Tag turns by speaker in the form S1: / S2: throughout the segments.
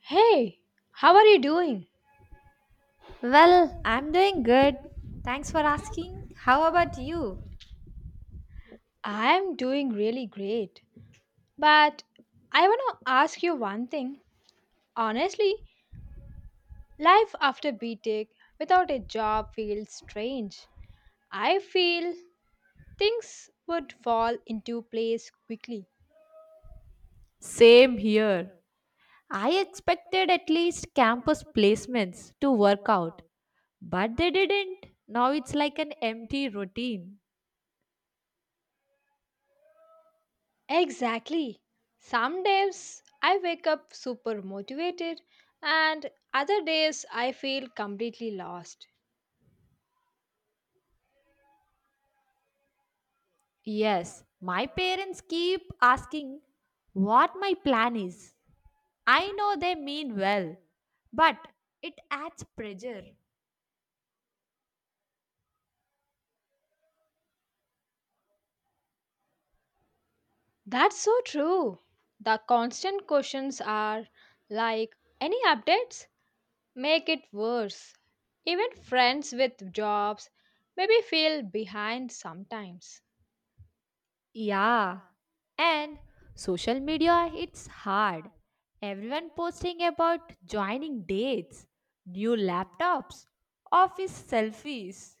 S1: Hey, how are you doing?
S2: Well, I'm doing good. Thanks for asking. How about you?
S1: I'm doing really great. But I want to ask you one thing. Honestly, life after BTech without a job feels strange. I feel things would fall into place quickly.
S2: Same here. I expected at least campus placements to work out, but they didn't. Now it's like an empty routine.
S1: Exactly. Some days I wake up super motivated, and other days I feel completely lost.
S2: Yes, my parents keep asking what my plan is. I know they mean well, but it adds pressure.
S1: That's so true. The constant questions are like, any updates? Make it worse. Even friends with jobs maybe feel behind sometimes.
S2: Yeah, and social media it's hard. Everyone posting about joining dates, new laptops, office selfies.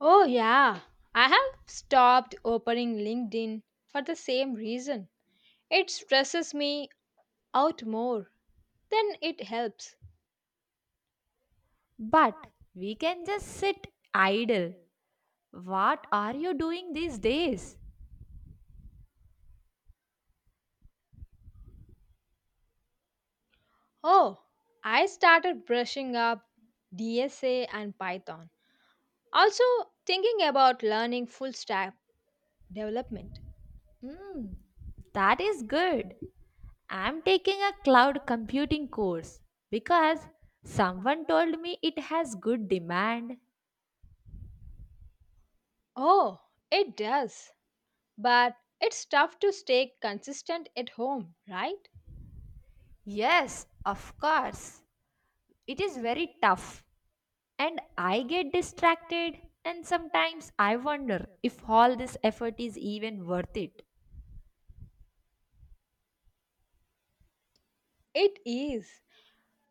S1: Oh, yeah. I have stopped opening LinkedIn for the same reason. It stresses me out more than it helps.
S2: But we can just sit idle. What are you doing these days?
S1: Oh, I started brushing up DSA and Python. Also, thinking about learning full stack development.
S2: Hmm, that is good. I'm taking a cloud computing course because someone told me it has good demand.
S1: Oh, it does. But it's tough to stay consistent at home, right?
S2: Yes, of course. It is very tough. And I get distracted, and sometimes I wonder if all this effort is even worth it.
S1: It is.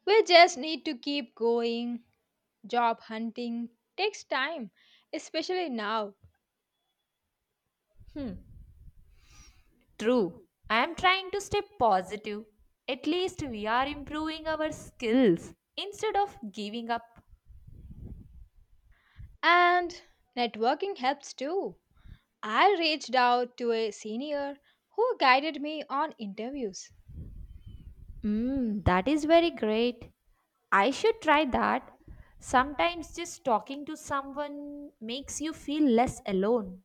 S1: We just need to keep going. Job hunting takes time, especially now.
S2: True, I am trying to stay positive. At least we are improving our skills instead of giving up.
S1: And networking helps too. I reached out to a senior who guided me on interviews.
S2: Mm, that is very great. I should try that. Sometimes just talking to someone makes you feel less alone.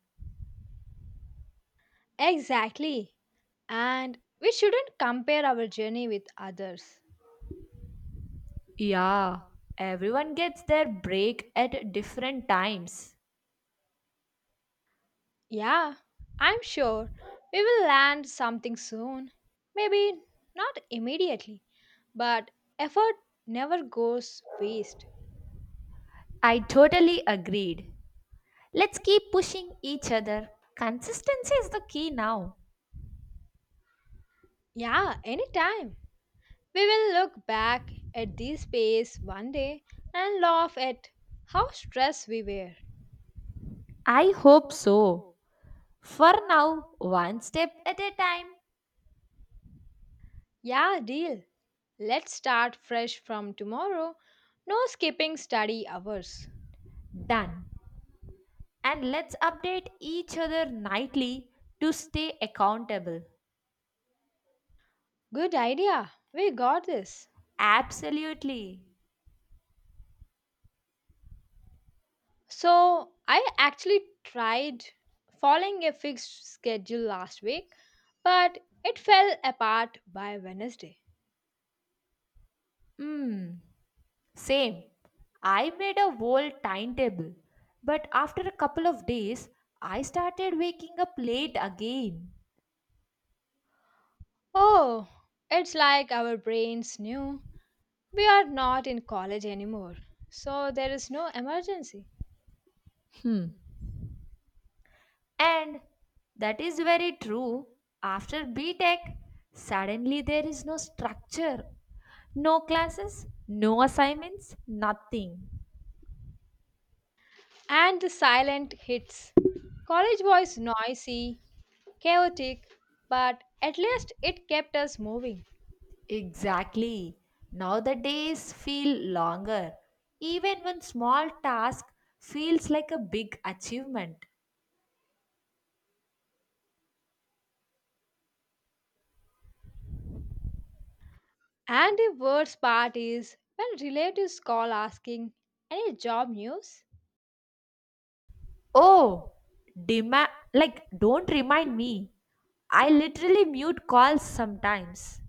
S1: Exactly. And we shouldn't compare our journey with others.
S2: Yeah, everyone gets their break at different times.
S1: Yeah, I'm sure we will land something soon. Maybe not immediately, but effort never goes waste.
S2: I totally agreed. Let's keep pushing each other. Consistency is the key now.
S1: Yeah, anytime. We will look back at this phase one day and laugh at how stressed we were.
S2: I hope so. For now, one step at a time.
S1: Yeah, deal. Let's start fresh from tomorrow. No skipping study hours.
S2: Done. And let's update each other nightly to stay accountable.
S1: Good idea. We got this.
S2: Absolutely.
S1: So I actually tried following a fixed schedule last week, but it fell apart by Wednesday.
S2: Hmm. Same. I made a whole timetable. But after a couple of days, I started waking up late again.
S1: Oh, it's like our brains knew we are not in college anymore. So there is no emergency.
S2: Hmm. And that is very true. After B Tech, suddenly there is no structure, no classes, no assignments, nothing.
S1: And the silent hits. College was noisy, chaotic, but at least it kept us moving.
S2: Exactly. Now the days feel longer. Even one small task feels like a big achievement.
S1: And the worst part is when relatives call asking, any job news?
S2: Oh, like don't remind me. I literally mute calls sometimes.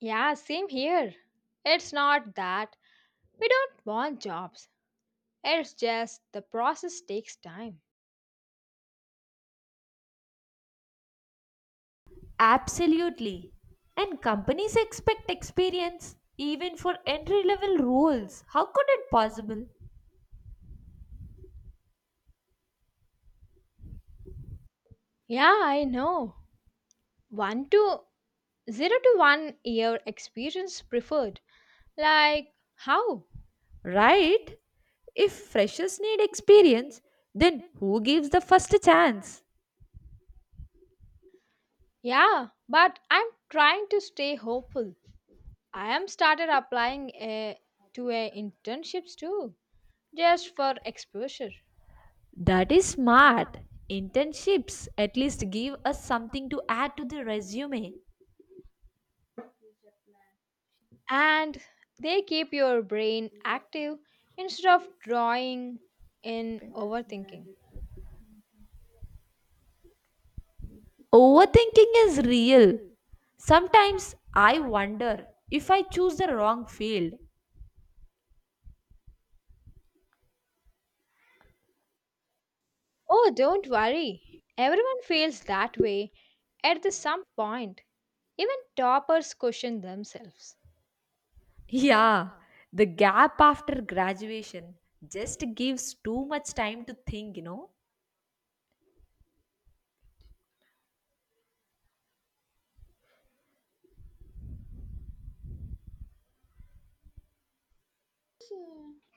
S1: Yeah, same here. It's not that we don't want jobs, it's just the process takes time.
S2: Absolutely. And companies expect experience even for entry level roles. How could it possible?
S1: Yeah, I know. 1 to 0 to 1 year experience preferred. Like, how?
S2: Right? If freshers need experience, then who gives the first chance?
S1: Yeah, but I'm trying to stay hopeful. I am started applying to a internships too, just for exposure.
S2: That is smart. Internships at least give us something to add to the resume.
S1: And they keep your brain active instead of drawing in overthinking.
S2: Overthinking is real. Sometimes I wonder if I choose the wrong field.
S1: Oh, don't worry. Everyone feels that way at the some point. Even toppers question themselves.
S2: Yeah, the gap after graduation just gives too much time to think,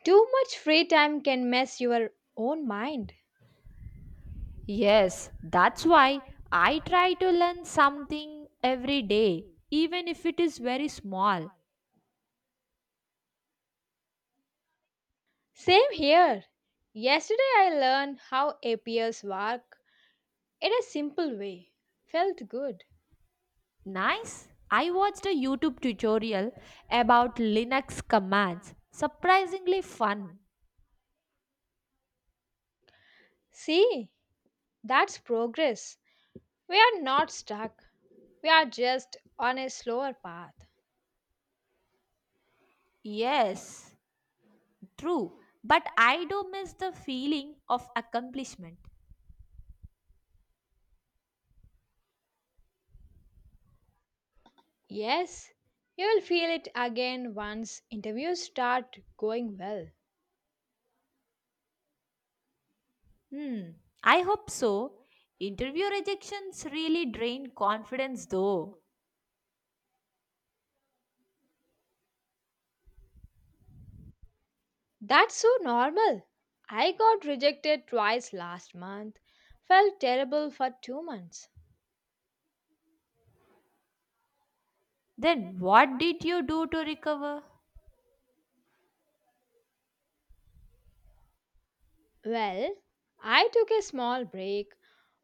S1: Too much free time can mess your own mind.
S2: Yes, that's why I try to learn something every day, even if it is very small.
S1: Same here. Yesterday I learned how APS work in a simple way. Felt good.
S2: Nice. I watched a YouTube tutorial about Linux commands. Surprisingly fun.
S1: See, that's progress. We are not stuck. We are just on a slower path.
S2: Yes, true. But I do miss the feeling of accomplishment.
S1: Yes, you will feel it again once interviews start going well.
S2: Hmm, I hope so. Interview rejections really drain confidence though.
S1: That's so normal. I got rejected twice last month, felt terrible for 2 months.
S2: Then what did you do to recover?
S1: Well, I took a small break,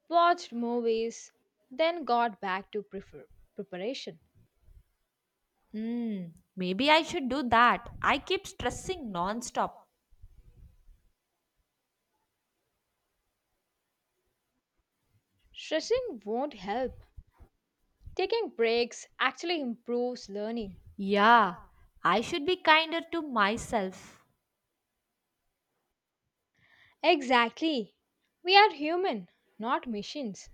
S1: watched movies, then got back to preparation.
S2: Hmm, Maybe I should do that. I keep stressing nonstop.
S1: Stressing won't help. Taking breaks actually improves learning.
S2: Yeah, I should be kinder to myself.
S1: Exactly. We are human, not machines.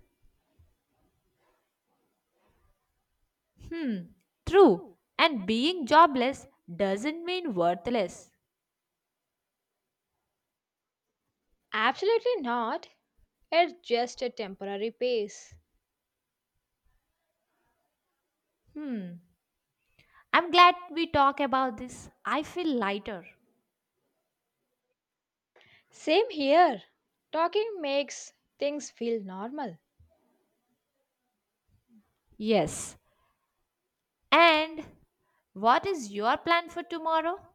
S2: Hmm, True. And being jobless doesn't mean worthless.
S1: Absolutely not. It's just a temporary pace.
S2: Hmm, I'm glad we talk about this. I feel lighter.
S1: Same here. Talking makes things feel normal.
S2: Yes. And what is your plan for tomorrow?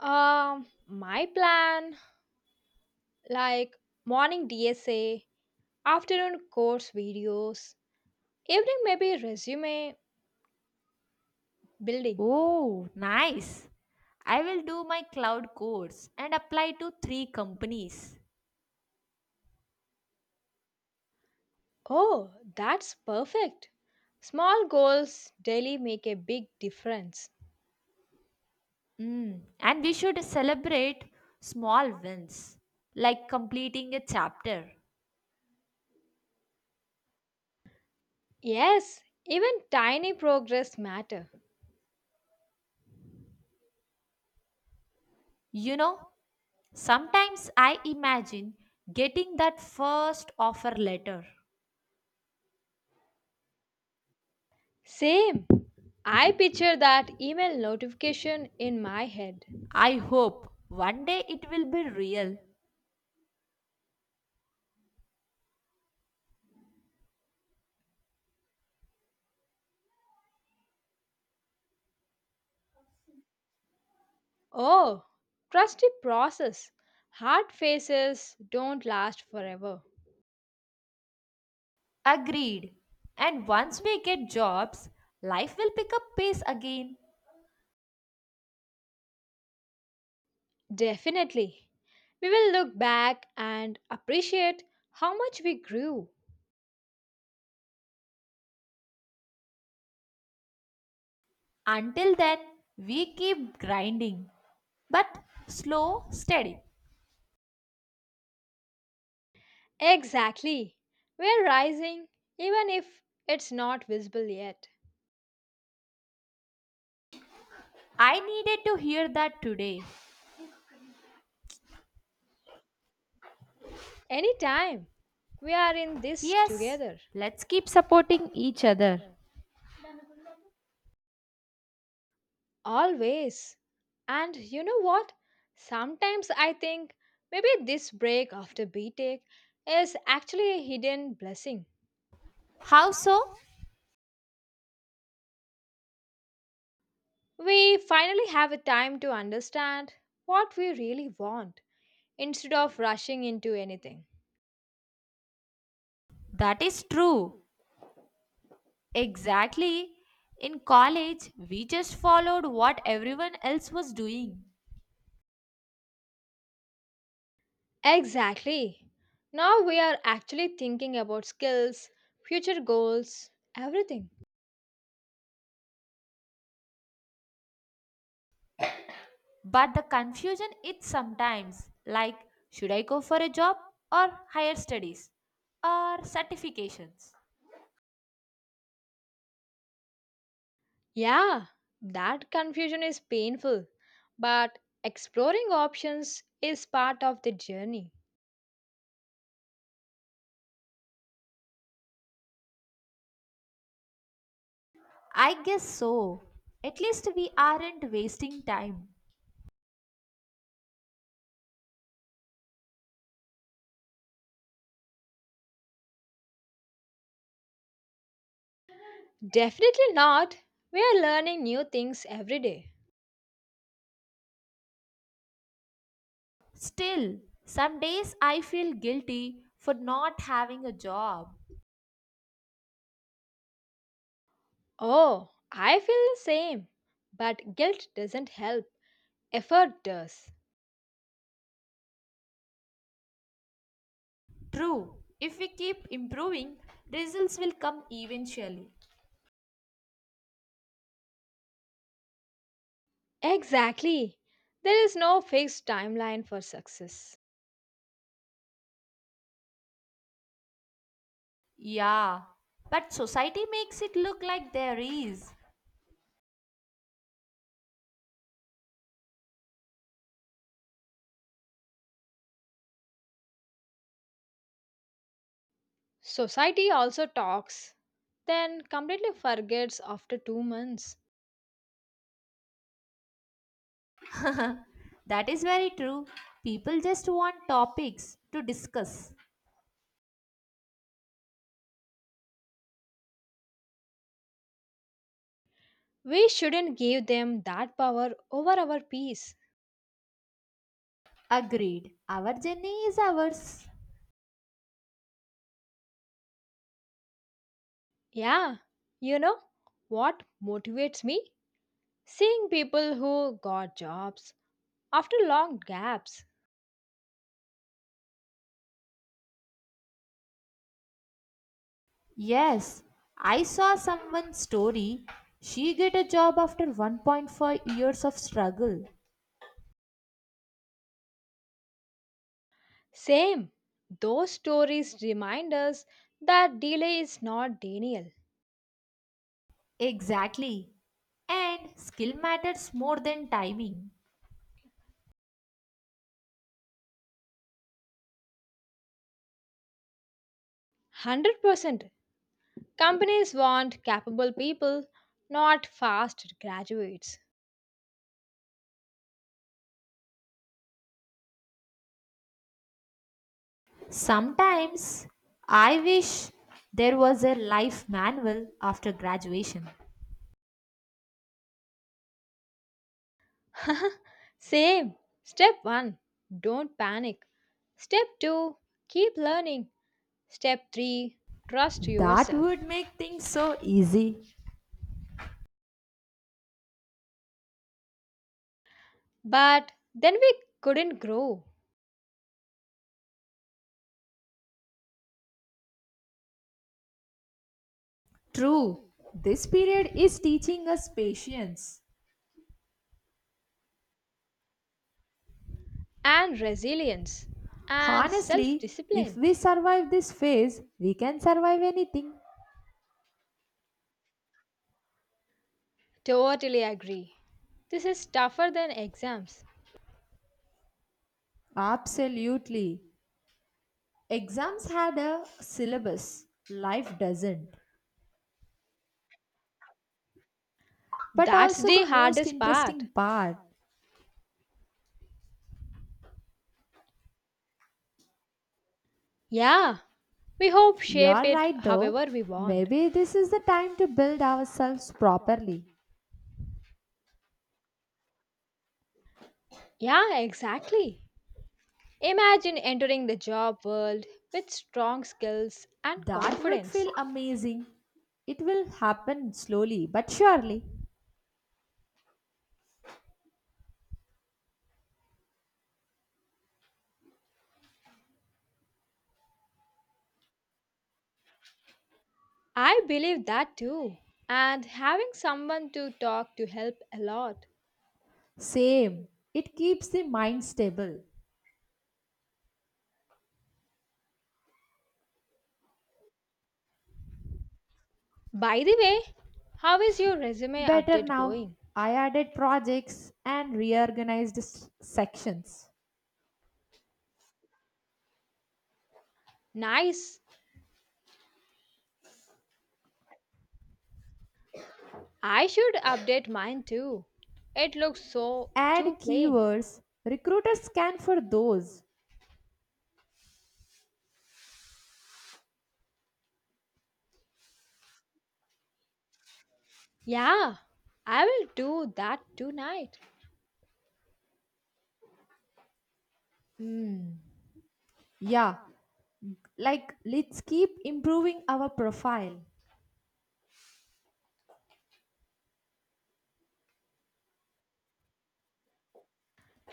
S1: My plan like morning DSA, afternoon course videos, evening maybe resume building.
S2: Oh, nice. I will do my cloud course and apply to three companies.
S1: Oh, that's perfect. Small goals daily make a big difference.
S2: Mm, and we should celebrate small wins, like completing a chapter.
S1: Yes, even tiny progress matter.
S2: You know, sometimes I imagine getting that first offer letter.
S1: Same. I picture that email notification in my head.
S2: I hope one day it will be real.
S1: Oh, trusty process. Hard faces don't last forever.
S2: Agreed. And once we get jobs, life will pick up pace again.
S1: Definitely. We will look back and appreciate how much we grew.
S2: Until then, we keep grinding. But slow, steady.
S1: Exactly. We're rising, even if it's not visible yet.
S2: I needed to hear that today.
S1: Anytime. We are in this
S2: Yes,
S1: together.
S2: let's keep supporting each other.
S1: Always. And you know what? Sometimes I think maybe this break after BTEC is actually a hidden blessing.
S2: How so?
S1: We finally have a time to understand what we really want instead of rushing into anything.
S2: That is true. Exactly. In college, we just followed what everyone else was doing.
S1: Exactly. Now we are actually thinking about skills, future goals, everything.
S2: But the confusion is sometimes like, should I go for a job or higher studies or certifications?
S1: Yeah, that confusion is painful, but exploring options is part of the journey.
S2: I guess so. At least we aren't wasting time.
S1: Definitely not. We are learning new things every day.
S2: Still, some days I feel guilty for not having a job.
S1: Oh, I feel the same. But guilt doesn't help, effort does.
S2: True, if we keep improving, results will come eventually.
S1: Exactly. There is no fixed timeline for success.
S2: Yeah, but society makes it look like there is.
S1: Society also talks, then completely forgets after 2 months.
S2: That is very true. People just want topics to discuss.
S1: We shouldn't give them that power over our peace.
S2: Agreed. Our journey is ours.
S1: Yeah, you know what motivates me? Seeing people who got jobs after long gaps.
S2: Yes, I saw someone's story. She get a job after 1.5 years of struggle.
S1: Same. Those stories remind us that delay is not denial.
S2: Exactly. And skill matters more than timing.
S1: 100%. Companies want capable people, not fast graduates.
S2: Sometimes I wish there was a life manual after graduation.
S1: Same. Step 1. Don't panic. Step 2. Keep learning. Step 3. Trust
S2: That
S1: yourself.
S2: would make things so easy.
S1: But then we couldn't grow.
S2: True, this period is teaching us patience.
S1: And resilience. And self
S2: Honestly, if
S1: discipline.
S2: we survive this phase, we can survive anything.
S1: Totally agree. This is tougher than exams.
S2: Absolutely. Exams had a syllabus, life doesn't. But
S1: That's
S2: also, the
S1: the
S2: most
S1: hardest part.
S2: interesting part.
S1: Yeah, we hope shape
S2: You're
S1: it
S2: right though.
S1: however we want.
S2: Maybe this is the time to build ourselves properly.
S1: Yeah, exactly. Imagine entering the job world with strong skills and
S2: That would
S1: confidence.
S2: feel amazing. It will happen slowly but surely.
S1: I believe that too. And having someone to talk to help a lot.
S2: Same. It keeps the mind stable.
S1: By the way, how is your resume
S2: Better
S1: update
S2: now.
S1: going?
S2: I added projects and reorganized sections.
S1: Nice. I should update mine too. It looks so
S2: Add
S1: too plain.
S2: keywords. Recruiters scan for those.
S1: Yeah, I will do that tonight.
S2: Yeah, like let's keep improving our profile.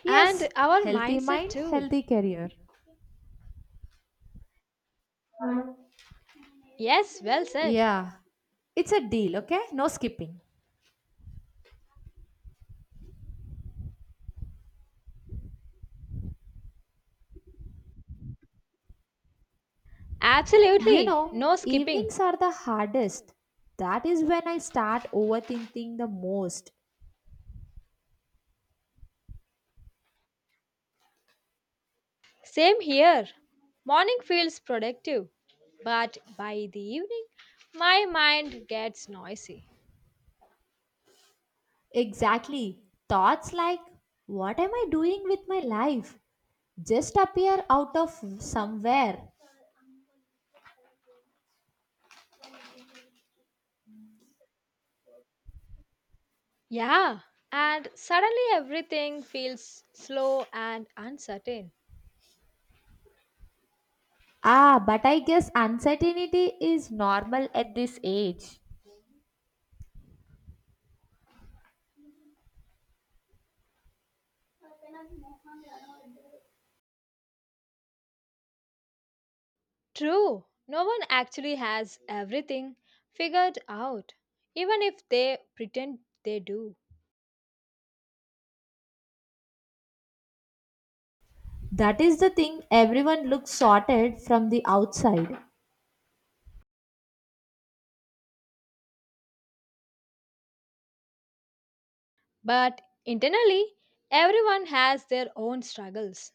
S2: Yes,
S1: And our
S2: healthy
S1: mindset
S2: mind,
S1: too.
S2: healthy career.
S1: Yes, well said.
S2: Yeah, it's a deal, okay? No skipping. You
S1: Absolutely.
S2: know,
S1: No skipping.
S2: evenings are the hardest. That is when I start overthinking the most.
S1: Same here. Morning feels productive, but by the evening, my mind gets noisy.
S2: Exactly. Thoughts like, what am I doing with my life? Just appear out of somewhere.
S1: Yeah, and suddenly everything feels slow and uncertain.
S2: Ah, but I guess uncertainty is normal at this age.
S1: True, no one actually has everything figured out, even if they pretend they do.
S2: That is the thing, everyone looks sorted from the outside.
S1: But internally, everyone has their own struggles.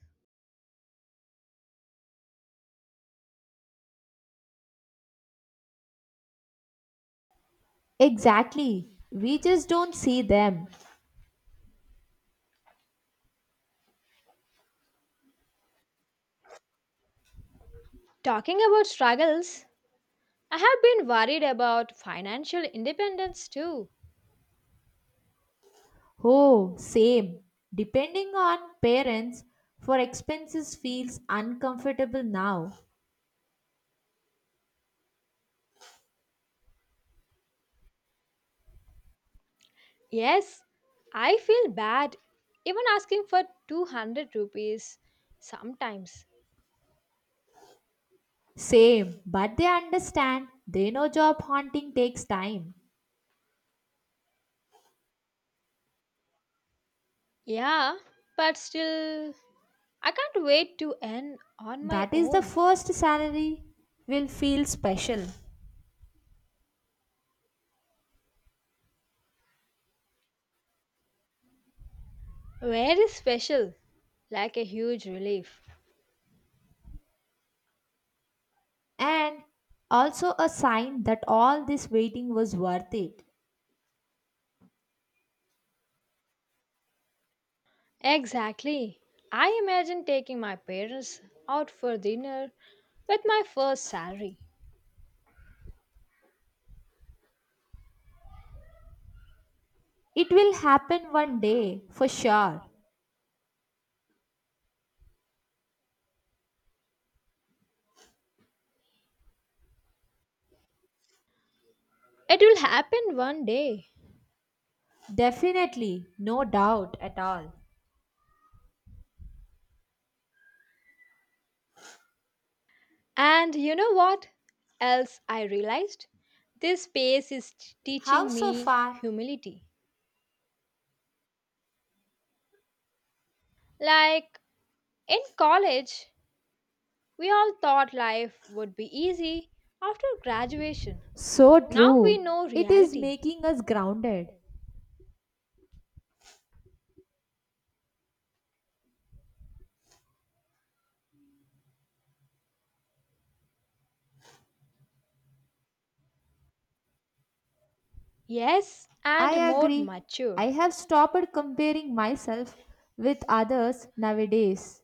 S2: Exactly. We just don't see them.
S1: Talking about struggles, I have been worried about financial independence too.
S2: Oh, same. Depending on parents for expenses feels uncomfortable now.
S1: Yes, I feel bad even asking for 200 rupees sometimes.
S2: Same, but they understand. They know job hunting takes time.
S1: Yeah, but still, I can't wait to earn on my
S2: That is the
S1: own.
S2: first salary will feel special.
S1: Very special, like a huge relief.
S2: And also a sign that all this waiting was worth it.
S1: Exactly. I imagine taking my parents out for dinner with my first salary.
S2: It will happen one day for sure.
S1: It will happen one day.
S2: Definitely, no doubt at all.
S1: And you know what else I realized? This space is
S2: How
S1: teaching
S2: so
S1: me
S2: far?
S1: humility. Like in college, we all thought life would be easy after graduation.
S2: So
S1: Now we
S2: true.
S1: know
S2: It is
S1: reality.
S2: making us grounded.
S1: Yes,
S2: I
S1: and more
S2: agree.
S1: mature.
S2: I have stopped comparing myself with others nowadays.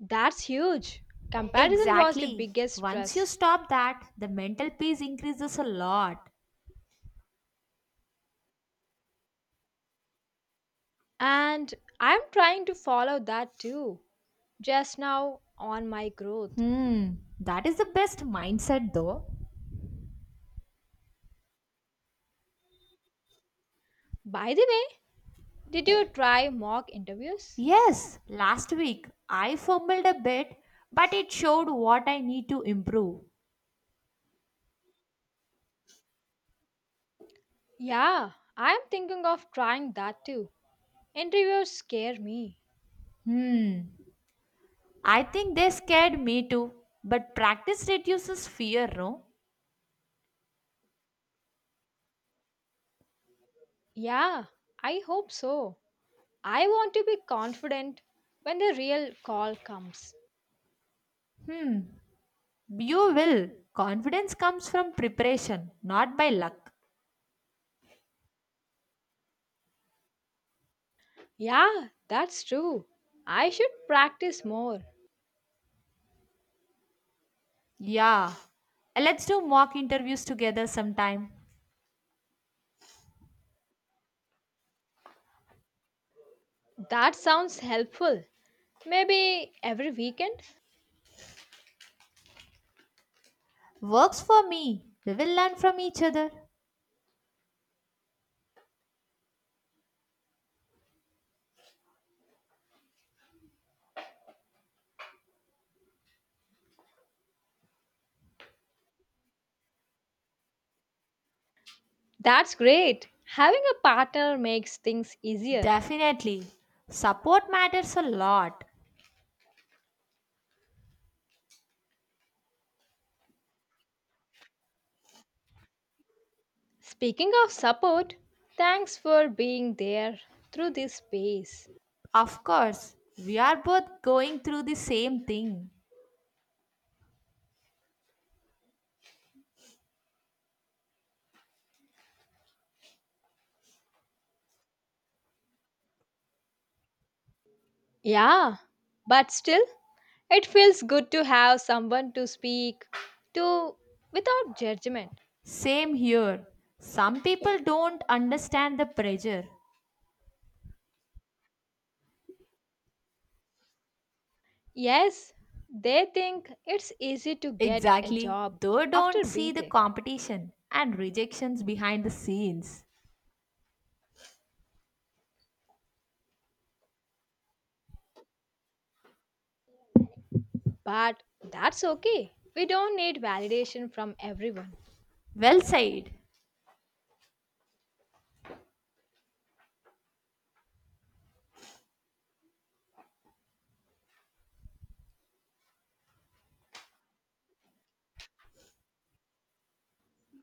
S1: That's huge. Comparison was the
S2: Exactly.
S1: biggest
S2: Once you
S1: stress.
S2: stop that, the mental peace increases a lot.
S1: And I'm trying to follow that too, just now on my growth.
S2: Hmm, that is the best mindset though.
S1: By the way, did you try mock interviews?
S2: Yes, last week I fumbled a bit, but it showed what I need to improve.
S1: Yeah, I'm thinking of trying that too. Interviews scare me.
S2: Hmm, I think they scared me too, but practice reduces fear, no?
S1: Yeah, I hope so. I want to be confident when the real call comes.
S2: Hmm. You will. Confidence comes from preparation, not by luck.
S1: Yeah, that's true. I should practice more.
S2: Yeah. Let's do mock interviews together sometime.
S1: That sounds helpful. Maybe every weekend?
S2: Works for me. We will learn from each other.
S1: That's great. Having a partner makes things easier.
S2: Definitely. Support matters a lot.
S1: Speaking of support, thanks for being there through this phase.
S2: Of course, we are both going through the same thing.
S1: Yeah, but still, it feels good to have someone to speak to without judgment.
S2: Same here. Some people don't understand the pressure.
S1: Yes, they think it's easy to get a
S2: Exactly.
S1: job
S2: They
S1: after
S2: don't
S1: B
S2: see the
S1: tech,
S2: competition and rejections behind the scenes.
S1: but that's okay. We don't need validation from everyone.
S2: Well said.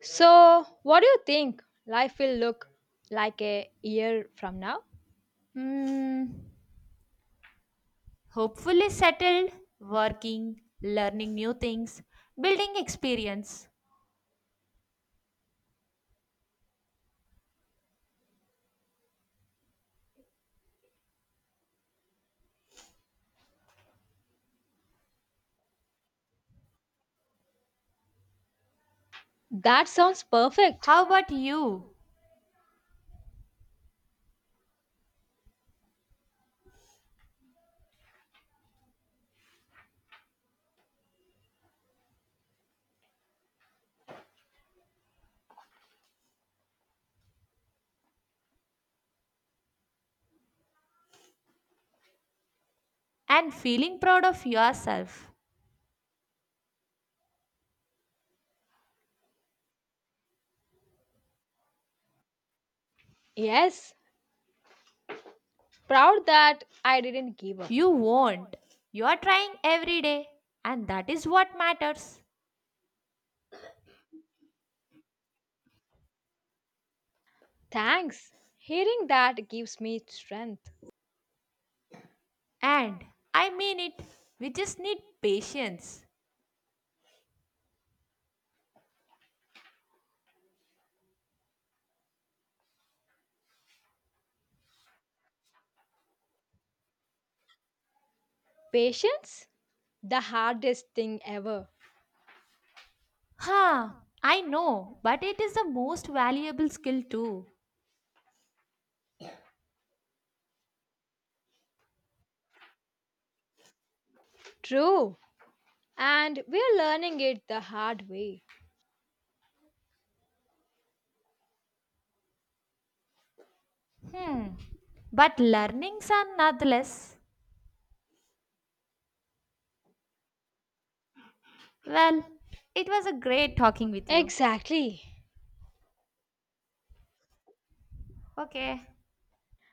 S1: So, what do you think life will look like a year from now?
S2: Hmm. Hopefully settled, working, learning new things, building experience.
S1: That sounds perfect.
S2: How about you? And feeling proud of yourself.
S1: Yes, proud that I didn't give up.
S2: You won't. You are trying every day, and that is what matters.
S1: Thanks. Hearing that gives me strength.
S2: And I mean it. We just need patience.
S1: Patience? The hardest thing ever.
S2: Huh, I know, but it is the most valuable skill too.
S1: True. And we're learning it the hard way.
S2: Hmm. But learnings are nonetheless. Well, it was a great talking with you.
S1: Exactly.
S2: Oke.